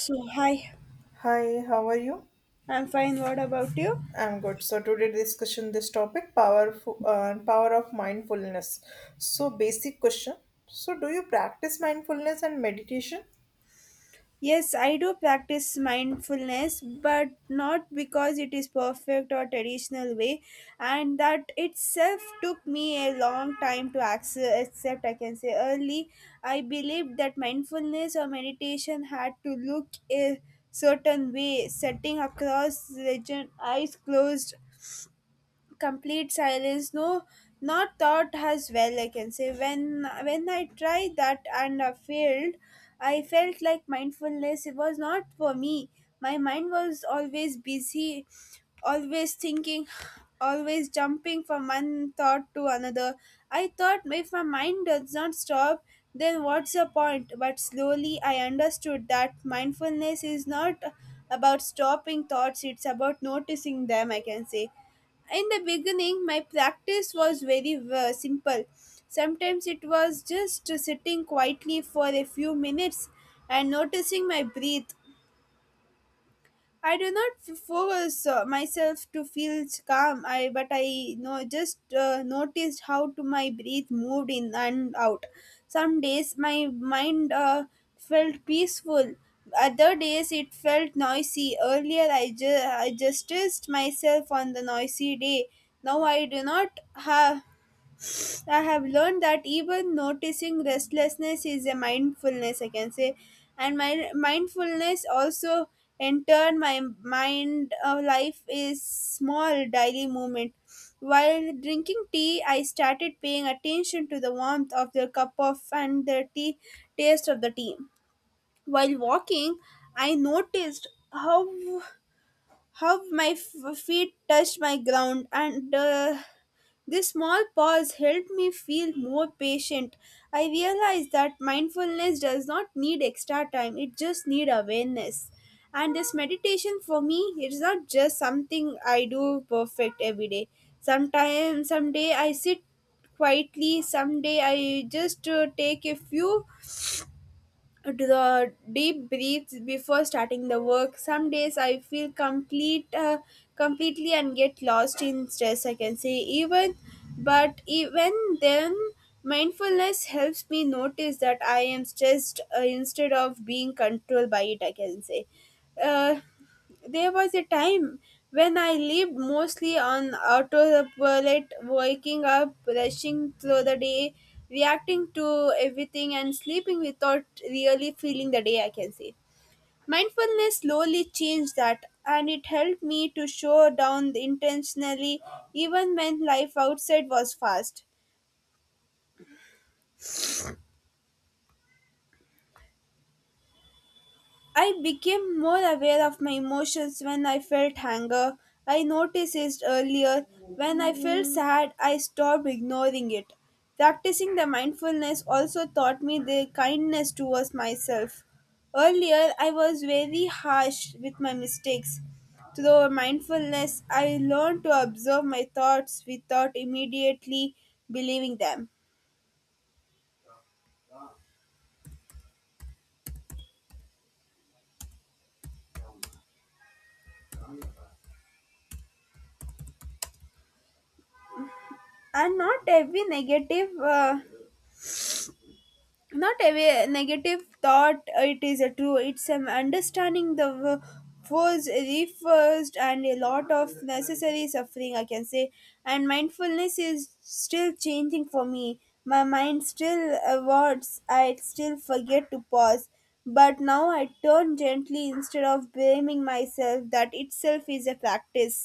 So, hi, Hi, how are you? I'm fine. What about you? I'm good. So today discussion this topic power of mindfulness. So basic question. So do you practice mindfulness and meditation? Yes, I do practice mindfulness, but not because it is perfect or traditional way, and that itself took me a long time to accept. I can say early, I believed that mindfulness or meditation had to look a certain way, sitting across religion, eyes closed, complete silence, no not thought as well, I can say. When I tried that and failed, I felt like mindfulness it was not for me. My mind was always busy, always thinking, always jumping from one thought to another. I thought if my mind does not stop, then what's the point? But slowly I understood that mindfulness is not about stopping thoughts, it's about noticing them, I can say. In the beginning my practice was very simple. Sometimes it was just sitting quietly for a few minutes and noticing my breath. I do not force myself to feel calm. I but I know just noticed how to my breath moved in and out. Some days my mind felt peaceful. Other days it felt noisy. Earlier I just stressed myself on the noisy day. Now I do not have I have learned that even noticing restlessness is a mindfulness, I can say. And my mindfulness also enter my mind of life is small daily movement. While drinking tea, I started paying attention to the warmth of the cup of and the tea taste of the tea. While walking, I noticed how my feet touched my ground, and this small pause helped me feel more patient. I realized that mindfulness does not need extra time, it just needs awareness. And this meditation for me, it's not just something I do perfect every day. Sometimes, someday I sit quietly, someday I just take a few the deep breaths before starting the work. Some days I feel completely and get lost in stress, I can say. Even then mindfulness helps me notice that I am stressed, instead of being controlled by it, I can say. uh, there was a time when I lived mostly on autopilot, waking up, rushing through the day, reacting to everything, and sleeping without really feeling the day, I can say. Mindfulness slowly changed that, and it helped me to slow down intentionally even when life outside was fast. I became more aware of my emotions when I felt anger. I noticed it earlier. When I felt sad, I stopped ignoring it. Practicing the mindfulness also taught me the kindness towards myself. Earlier, I was very harsh with my mistakes. Through mindfulness, I learned to observe my thoughts without immediately believing them. And not every negative not a way- negative thought, it is a true, it's an understanding was reversed and a lot of necessary suffering, I can say. And mindfulness is still changing for me. My mind still awards, I still forget to pause, but now I turn gently instead of blaming myself. That itself is a practice.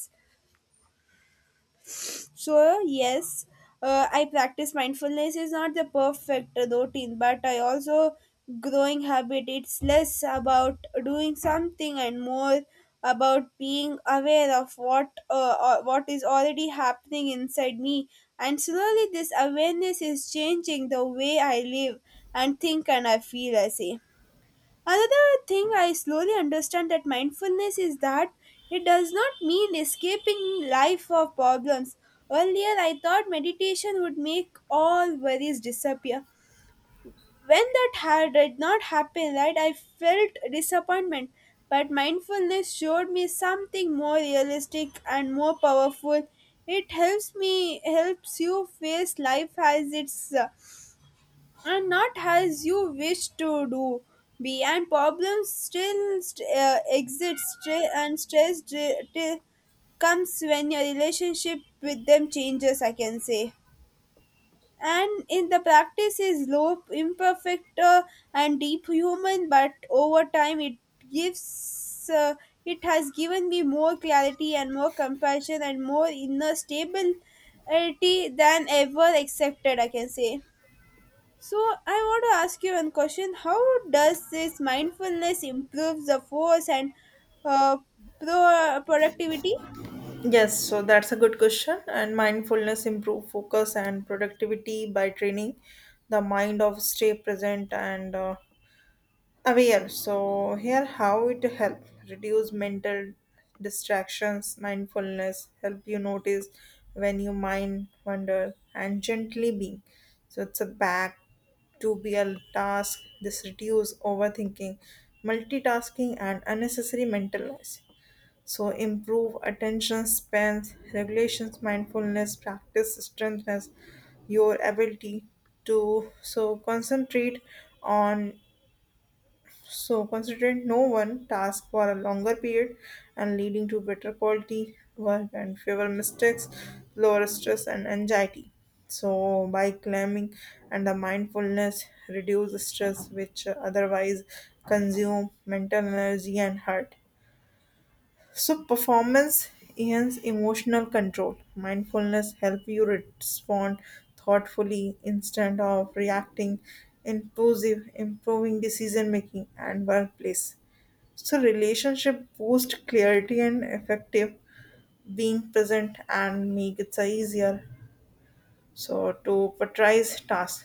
So, yes, I practice mindfulness is not the perfect routine, but I also growing habit. It's less about doing something and more about being aware of what is already happening inside me. And slowly, this awareness is changing the way I live and think and I feel. I say. Another thing I slowly understand that mindfulness is that it does not mean escaping life or problems. Earlier, I thought meditation would make all worries disappear. When that did not happen, right, I felt disappointment. But mindfulness showed me something more realistic and more powerful. It helps you face life as it's and not as you wish to do be, and problems exist, still and till comes when your relationship with them changes, I can say. And in the practice is low imperfect, and deep human, but over time gives uh, it has given me more clarity and more compassion and more inner stability than ever accepted, I can say. So I want to ask you one question: how does this mindfulness improve the force and uh, productivity? Yes, so that's a good question. And mindfulness improve focus and productivity by training the mind of stay present and aware. So here how it help reduce mental distractions mindfulness help you notice when your mind wander and gently being so it's a back to be a task. This reduce overthinking multitasking and unnecessary mental noise so improve attention spans regulations mindfulness practice strengthens your ability to so concentrate on so, considering no one task for a longer period and leading to better quality work and fewer mistakes, lower stress and anxiety. So, by climbing and the mindfulness, reduce stress which otherwise consume mental energy and heart. So, performance enhance emotional control. Mindfulness help you respond thoughtfully instead of reacting impulsive, improving decision making and workplace. So relationship boost clarity and effective being present and make it easier. So to prioritize tasks,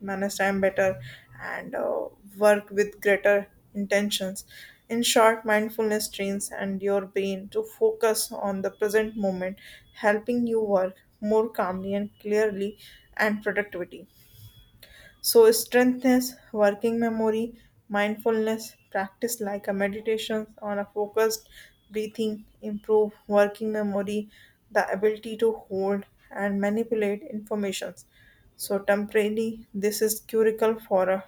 manage time better, and work with greater intentions. In short, mindfulness trains and your brain to focus on the present moment, helping you work more calmly and clearly and productivity. So, strengthness, working memory, mindfulness, practice like a meditation on a focused breathing, improve working memory, the ability to hold and manipulate information. So, temporarily, this is curical for a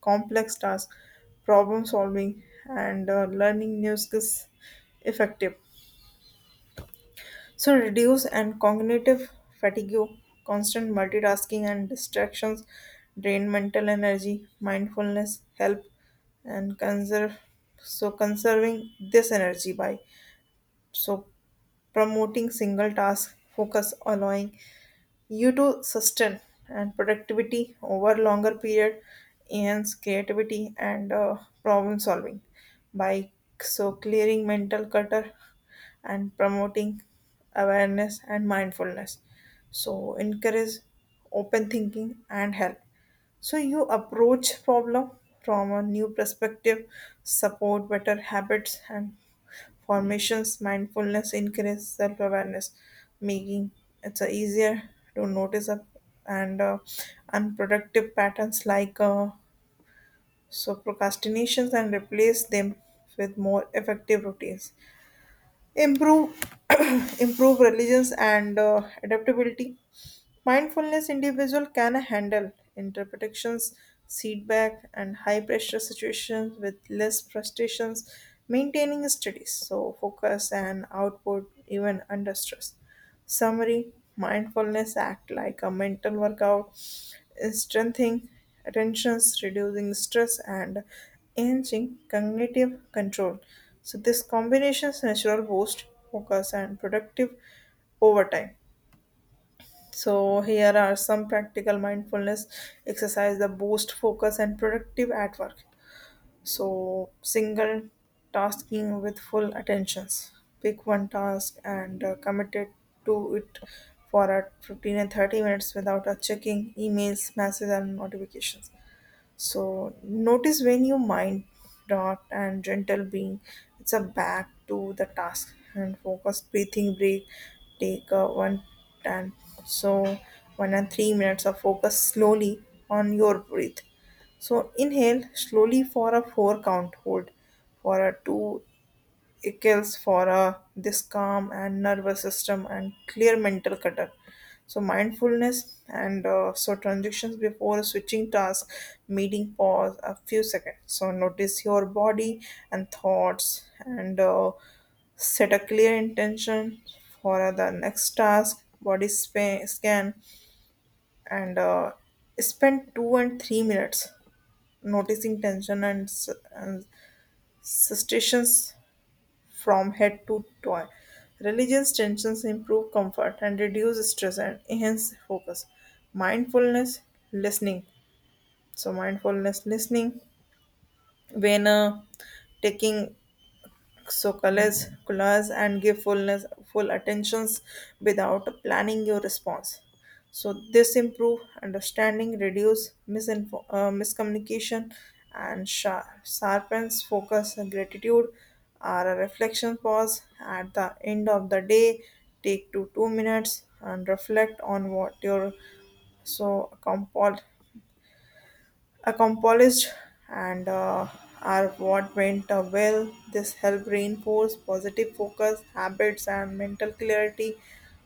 complex task, problem solving, and learning new skills effective. So reduce and cognitive fatigue, constant multitasking and distractions drain mental energy, mindfulness help and conserve so conserving this energy by so promoting single task focus allowing you to sustain and productivity over longer period enhance creativity and problem solving by so clearing mental clutter and promoting awareness and mindfulness. So encourage open thinking and help. So you approach problem from a new perspective, support better habits and Formations mindfulness increases self-awareness, making it's easier to notice up and unproductive patterns like so procrastinations and replace them with more effective routines improve improve religions and adaptability mindfulness individual can handle interpretations feedback and high pressure situations with less frustrations maintaining studies so focus and output even under stress. Summary mindfulness act like a mental workout, strengthening attentions, reducing stress, and enhancing cognitive control. So, this combination's natural boost, focus, and productive over time. So, here are some practical mindfulness exercise that boost focus and productive at work. So, single tasking with full attentions. Pick one task and commit it to it for at 15 and 30 minutes without checking emails, messages, and notifications. So notice when your mind dot and gentle being, it's a back to the task and focus breathing break, take a and so 1 and 3 minutes of focus slowly on your breath. So inhale slowly for a four count hold for a two Eccles for a this calm and nervous system and clear mental clutter. So mindfulness and so transitions before switching task, meeting pause a few seconds. So notice your body and thoughts and set a clear intention for the next task. Body scan and spend 2 and 3 minutes noticing tension and sensations from head to toe. Religious tensions improve comfort and reduce stress and enhance focus. Mindfulness listening. So mindfulness listening when taking so collage and give fullness full attentions without planning your response so this improve understanding reduce miscommunication and sharpens focus and gratitude are a reflection pause at the end of the day take two two minutes and reflect on what your so compiled accomplished and are what went well. This help reinforce positive focus, habits, and mental clarity.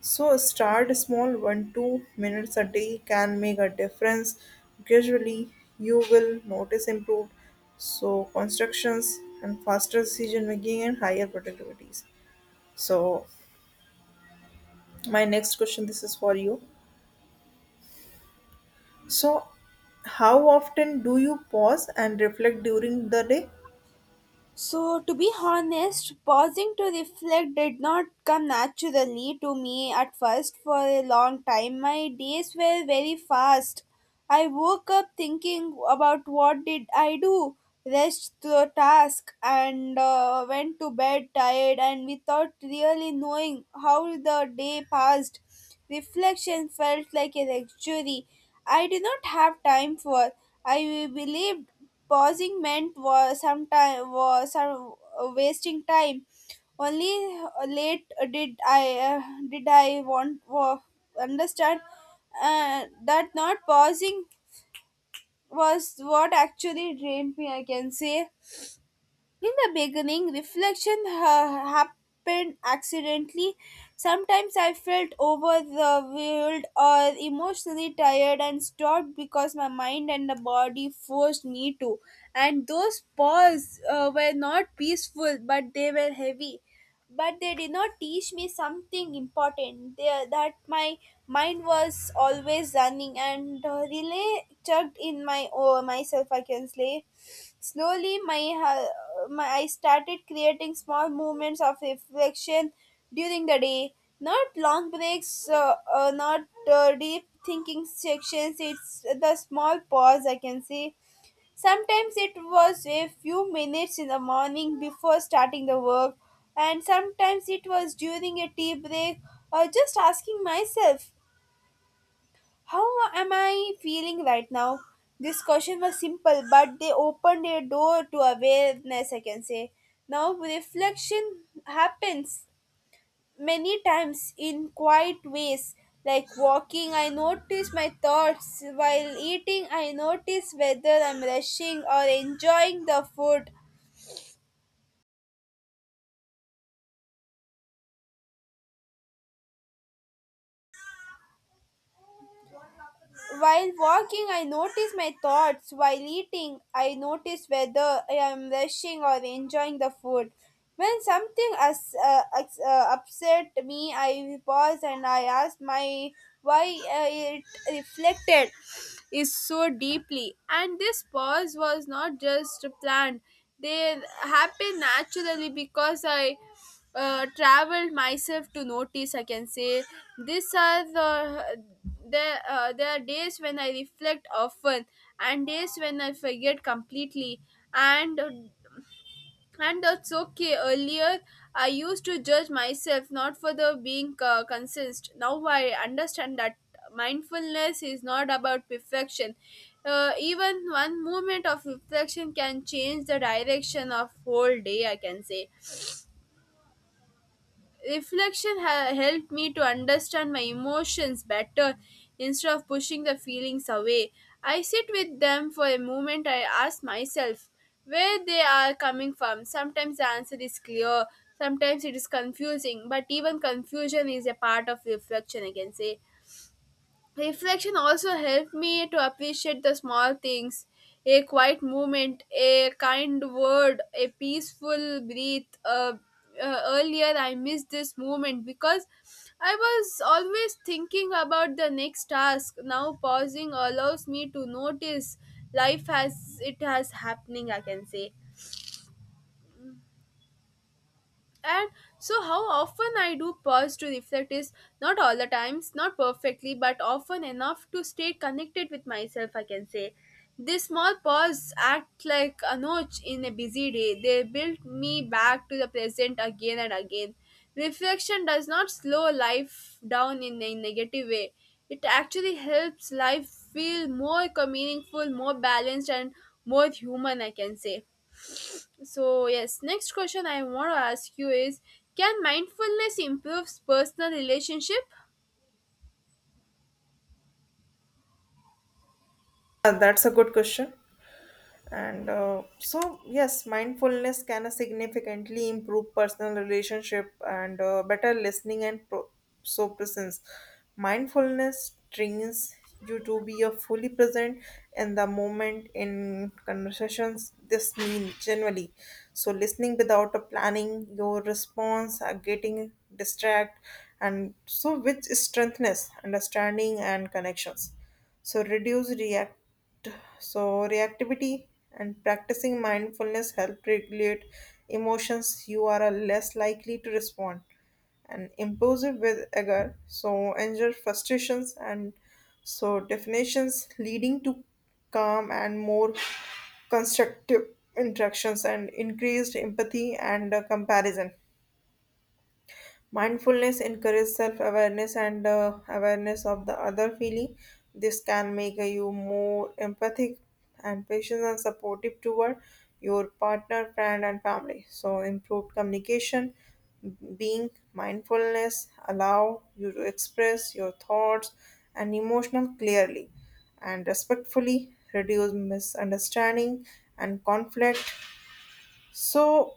So start small, one two minutes a day can make a difference. Gradually, you will notice improved. So constructions and faster decision making and higher productivities. So my next question, this is for you. So how often do you pause and reflect during the day? So, to be honest, pausing to reflect did not come naturally to me at first for a long time. My days were very fast. I woke up thinking about what did I do, rushed through a task, and went to bed tired and without really knowing how the day passed. Reflection felt like a luxury I did not have time for. I believed pausing meant was sometime was some wasting time. Only late did I understand that not pausing was what actually drained me. I can say. In the beginning, reflection happened accidentally. Sometimes I felt overwhelmed or emotionally tired and stopped because my mind and the body forced me to. And those pause were not peaceful, but they were heavy. But they did not teach me something important. That my mind was always running and really chugged in myself. I can say. Slowly, my, ha- my I started creating small moments of reflection during the day. Not long breaks, not deep thinking sections. It's the small pause I can say. Sometimes it was a few minutes in the morning before starting the work, and sometimes it was during a tea break or just asking myself, how am I feeling right now? This question was simple, but they opened a door to awareness, I can say. Now, reflection happens many times in quiet ways. Like walking, I notice my thoughts. While eating, I notice whether I'm rushing or enjoying the food. While walking, I notice my thoughts. While eating, I notice whether I am rushing or enjoying the food. When something upset me, I pause and I ask my why it reflected is so deeply. And this pause was not just planned; they happened naturally because I traveled myself to notice, I can say. These are the There are days when I reflect often and days when I forget completely, and and that's okay. Earlier I used to judge myself not for the being consist. Now I understand that mindfulness is not about perfection. Even one moment of reflection can change the direction of whole day, I can say. Reflection helped me to understand my emotions better, instead of pushing the feelings away. I sit with them for a moment. I ask myself where they are coming from. Sometimes the answer is clear, sometimes it is confusing, but even confusion is a part of reflection, I can say. Reflection also helped me to appreciate the small things. A quiet moment, a kind word, a peaceful breath. Earlier, I missed this moment because I was always thinking about the next task. Now, pausing allows me to notice life as it has happening, I can say. And so, how often I do pause to reflect is not all the times, not perfectly, but often enough to stay connected with myself, I can say. This small pause act like a notch in a busy day. They build me back to the present again and again. Reflection does not slow life down in a negative way. It actually helps life feel more meaningful, more balanced, and more human, I can say. So, yes, next question I want to ask you is: can mindfulness improve personal relationship? That's a good question. And so, yes, mindfulness can significantly improve personal relationship and better listening and so presence. Mindfulness trains you to be a fully present in the moment in conversations. This means generally, so listening without a planning your response, getting distract, and so which strengthens understanding and connections. So reduce react so, reactivity and practicing mindfulness help regulate emotions. You are less likely to respond and impulsive with anger. So, anger, frustrations, and so definitions leading to calm and more constructive interactions and increased empathy and comparison. Mindfulness encourages self awareness and awareness of the other feeling. This can make you more empathic and patient and supportive toward your partner, friend, and family. So, improved communication, being mindfulness, allow you to express your thoughts and emotional clearly and respectfully, reduce misunderstanding and conflict, so,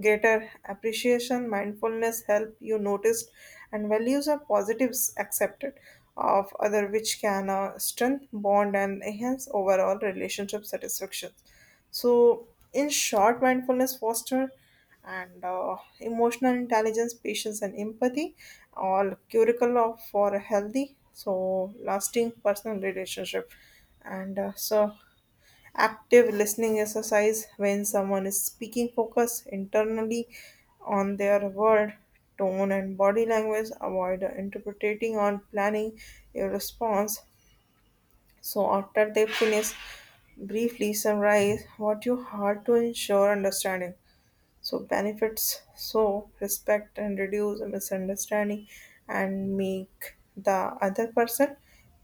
greater appreciation, mindfulness help you notice and values are positives accepted of other, which can strengthen bond and enhance overall relationship satisfaction. So, in short, mindfulness foster and emotional intelligence, patience, and empathy, all curricle of for a healthy, so lasting personal relationship. And so, active listening exercise when someone is speaking focus internally on their word, tone and body language. Avoid interpreting or planning your response. So after they finish, briefly summarize what you heard to ensure understanding so benefits so respect and reduce misunderstanding and make the other person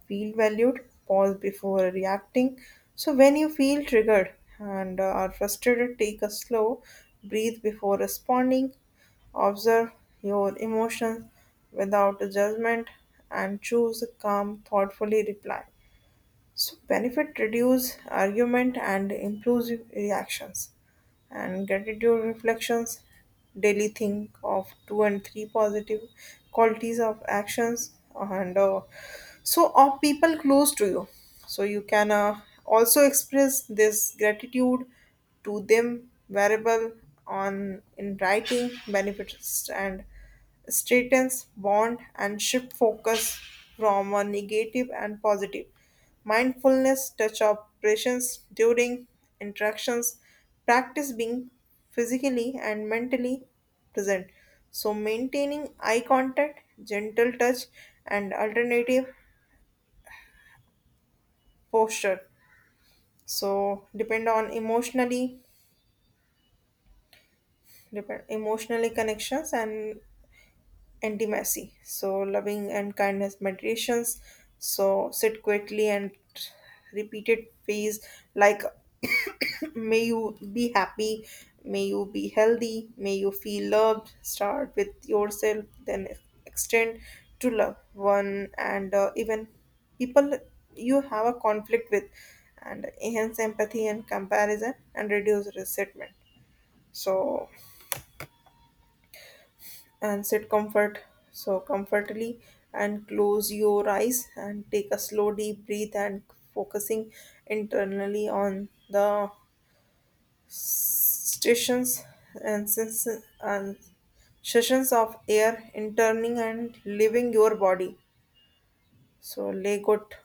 feel valued pause before reacting so when you feel triggered and are frustrated take a slow breathe before responding observe your emotions without judgment and choose a calm thoughtfully reply so benefit reduce argument and improves reactions and gratitude reflections daily think of two and three positive qualities of actions and so of people close to you so you can also express this gratitude to them variable on in writing benefits and straightens bond and shift focus from a negative and positive. Mindfulness touch operations during interactions, practice being physically and mentally present. So maintaining eye contact, gentle touch and alternative posture. So depend emotionally connections and intimacy. So loving and kindness meditations. So sit quietly and repeated phrase like may you be happy, may you be healthy, may you feel loved. Start with yourself, then extend to love one and even people you have a conflict with and enhance empathy and comparison and reduce resentment. So and sit comfort so comfortably and close your eyes and take a slow deep breath and focusing internally on the stations and sens- and sessions of air interning and leaving your body so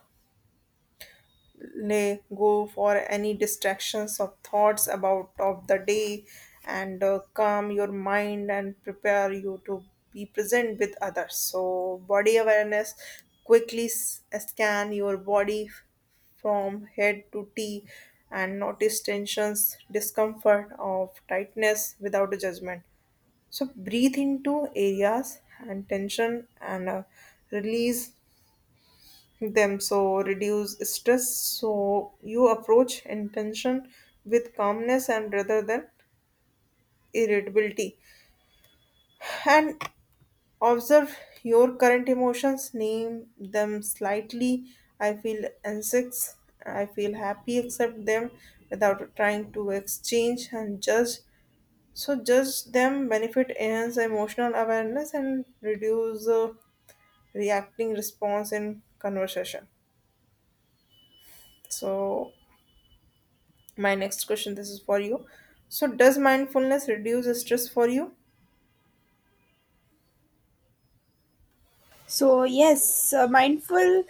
lay go for any distractions or thoughts about of the day and calm your mind and prepare you to be present with others so body awareness quickly scan your body from head to tea and notice tensions discomfort of tightness without judgment so breathe into areas and tension and release them so reduce stress so you approach intention with calmness and rather than irritability and observe your current emotions name them slightly I feel anxious I feel happy accept them without trying to exchange and judge so judge them benefit enhance emotional awareness and reduce reacting response in conversation so my next question, this is for you. So, does mindfulness reduce stress for you? So, yes, mindful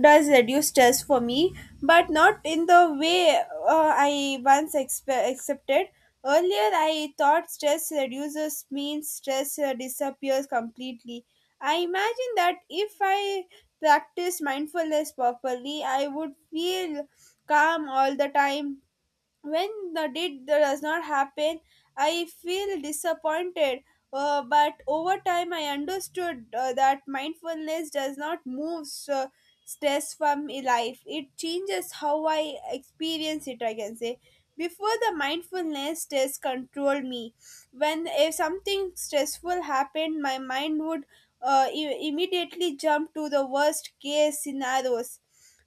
does reduce stress for me, but not in the way, I once accepted. Earlier, I thought stress reduces means stress disappears completely. I imagine that if I practice mindfulness properly, I would feel calm all the time. When the did does not happen, I feel disappointed. But over time I understood that mindfulness does not move stress from my life. It changes how I experience it, I can say. Before the mindfulness, stress controlled me. When if something stressful happened, my mind would immediately jump to the worst case scenarios.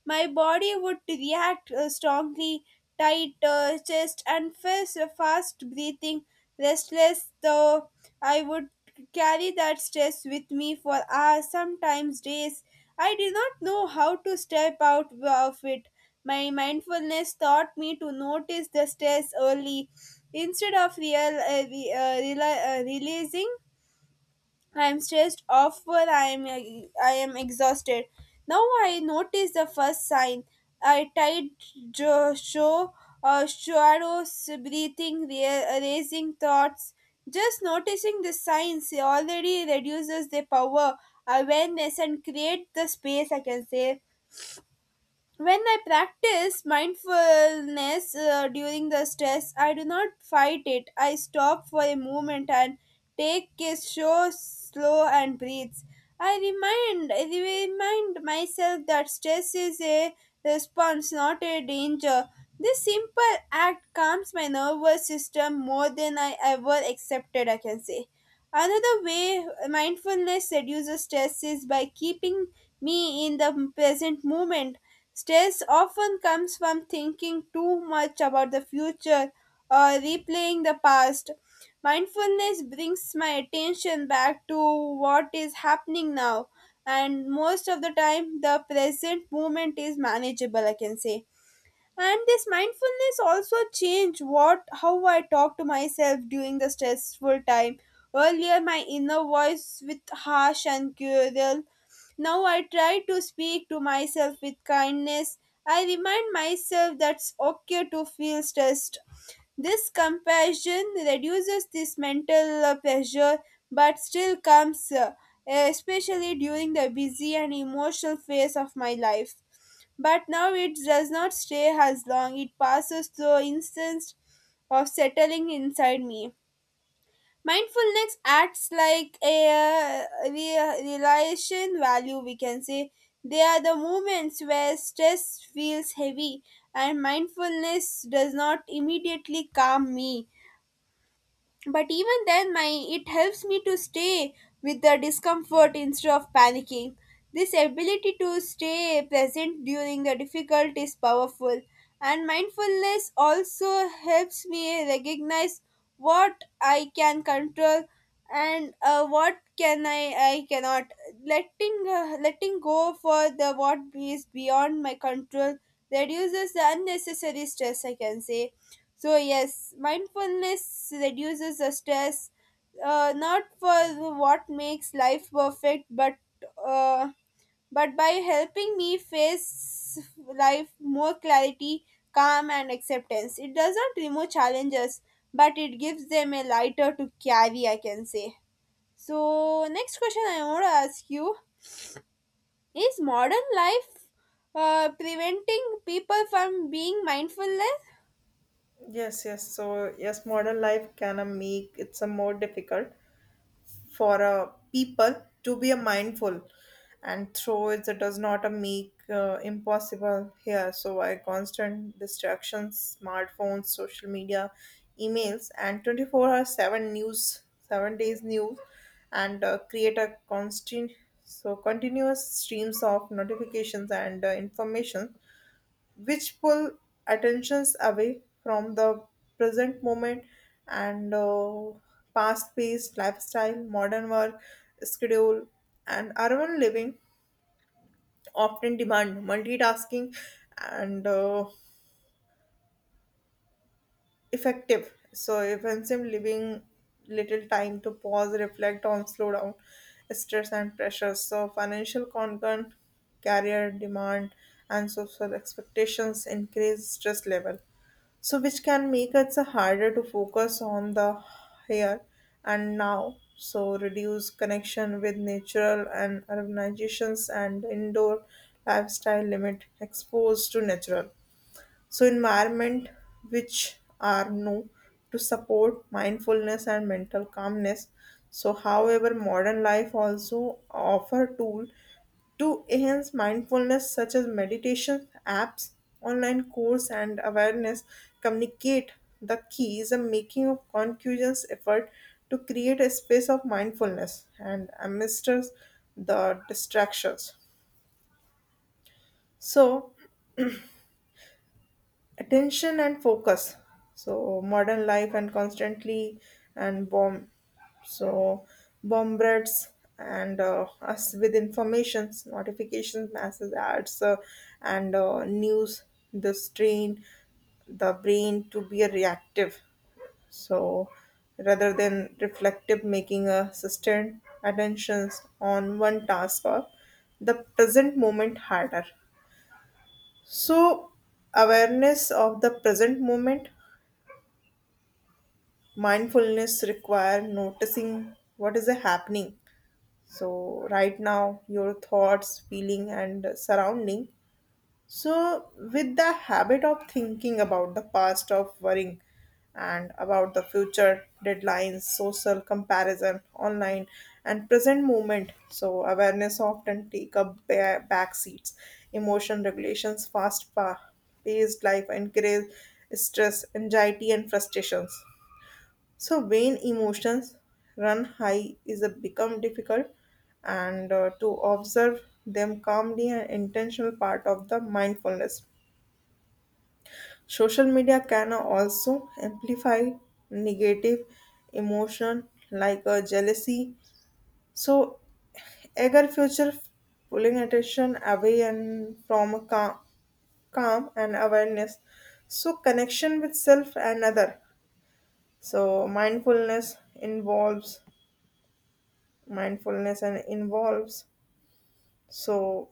My body would react strongly, tight chest, and fast breathing, restless, though I would carry that stress with me for hours, sometimes days. I did not know how to step out of it. My mindfulness taught me to notice the stress early instead of releasing. I'm stressed off but I am exhausted. Now I notice the first sign. I tight jo- show shadows, breathing, raising thoughts. Just noticing the signs already reduces the power, awareness, and create the space. I can say, when I practice mindfulness during the stress, I do not fight it. I stop for a moment and take a show slow and breathes. I remind myself that stress is a response, not a danger. This simple act calms my nervous system more than I ever accepted. I can say. Another way mindfulness reduces stress is by keeping me in the present moment. Stress often comes from thinking too much about the future or replaying the past. Mindfulness brings my attention back to what is happening now, and most of the time, the present moment is manageable, I can say. And this mindfulness also changed what how I talk to myself during the stressful time. Earlier my inner voice with harsh and cruel. Now I try to speak to myself with kindness. I remind myself that's okay to feel stressed. This comparison reduces this mental pressure. But still comes, especially during the busy and emotional phase of my life. But now it does not stay as long, it passes through instance of settling inside me. Mindfulness acts like a realization value, we can say. They are the moments where stress feels heavy and mindfulness does not immediately calm me, but even then my it helps me to stay with the discomfort instead of panicking. This ability to stay present during the difficult is powerful. And mindfulness also helps me recognize what I can control and what can I cannot. Letting go for the what is beyond my control reduces the unnecessary stress, I can say. So yes, mindfulness reduces the stress, not for what makes life perfect, but uh, but by helping me face life more clarity, calm, and acceptance. It does not remove challenges, but it gives them a lighter to carry. I can say. So next question I want to ask you is: modern life preventing people from being mindfulness? Yes, yes. So, yes, modern life can make it's a more difficult for a people to be a mindful and through it it does not a make impossible here so why constant distractions smartphones social media emails and 24 hour 7 news 7 days news and create a constant so continuous streams of notifications and information which pull attentions away from the present moment and fast-paced lifestyle, modern work schedule, and urban living often demand multitasking and effective. So offensive leaving little time to pause, reflect on slowdown, stress and pressure. So financial concern, career demand and social expectations increase stress level. So which can make it so harder to focus on the here and now. So reduce connection with natural and urbanizations and indoor lifestyle limit exposed to natural. So environment which are known to support mindfulness and mental calmness. So however modern life also offer tool to enhance mindfulness such as meditation apps online course and awareness communicate the key is a making of conscious effort to create a space of mindfulness and amidst the distractions so attention and focus so modern life and constantly and so bombards and us with informations notifications masses ads and news the strain the brain to be a reactive so rather than reflective making a sustained attentions on one task or the present moment harder so, awareness of the present moment, mindfulness require noticing what is happening. So, right now, your thoughts, feeling, and surrounding. So, with the habit of thinking about the past, of worrying, and about the future deadlines, social comparison, online, and present moment, so awareness often take up back seats. Emotion regulations, fast paced life, increase stress, anxiety, and frustrations. So when emotions run high is a become difficult and to observe them calmly an intentional part of the mindfulness. Social media can also amplify negative emotion like jealousy. So eager future pulling attention away and from a calm and awareness so connection with self and other so mindfulness and involves so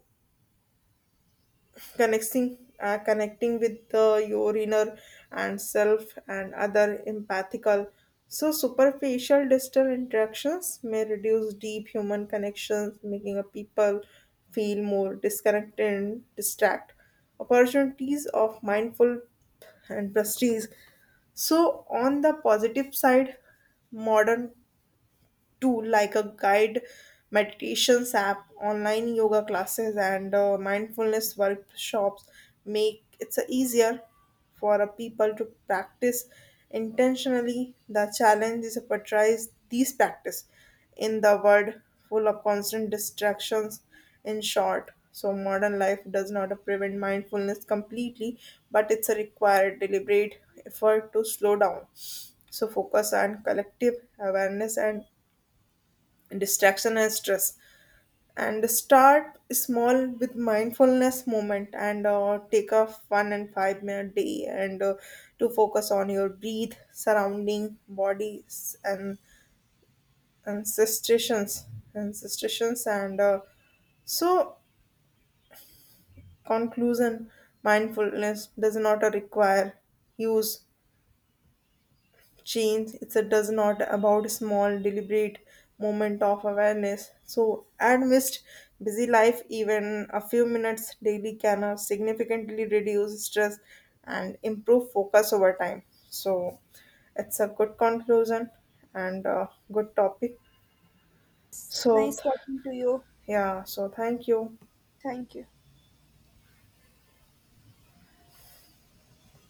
connecting with the your inner and self and other empathical so superficial digital interactions may reduce deep human connections making a people feel more disconnected and distract opportunities of mindful and prestige so on the positive side modern tool like a guide, meditations app, online yoga classes, and mindfulness workshops make it's easier for a people to practice intentionally. The challenge is to portray these practice in the world full of constant distractions. In short, so modern life does not prevent mindfulness completely, but it's a required deliberate effort to slow down so focus on collective awareness and distraction and stress and start small with mindfulness moment and take a 1 and 5 minute day and to focus on your breathe surrounding bodies and and sensations and sensations and so conclusion mindfulness does not require use change it's a does not about small deliberate moment of awareness so amidst busy life even a few minutes daily can significantly reduce stress and improve focus over time so it's a good conclusion and a good topic so Nice talking to you. yeah so thank you. Thank you.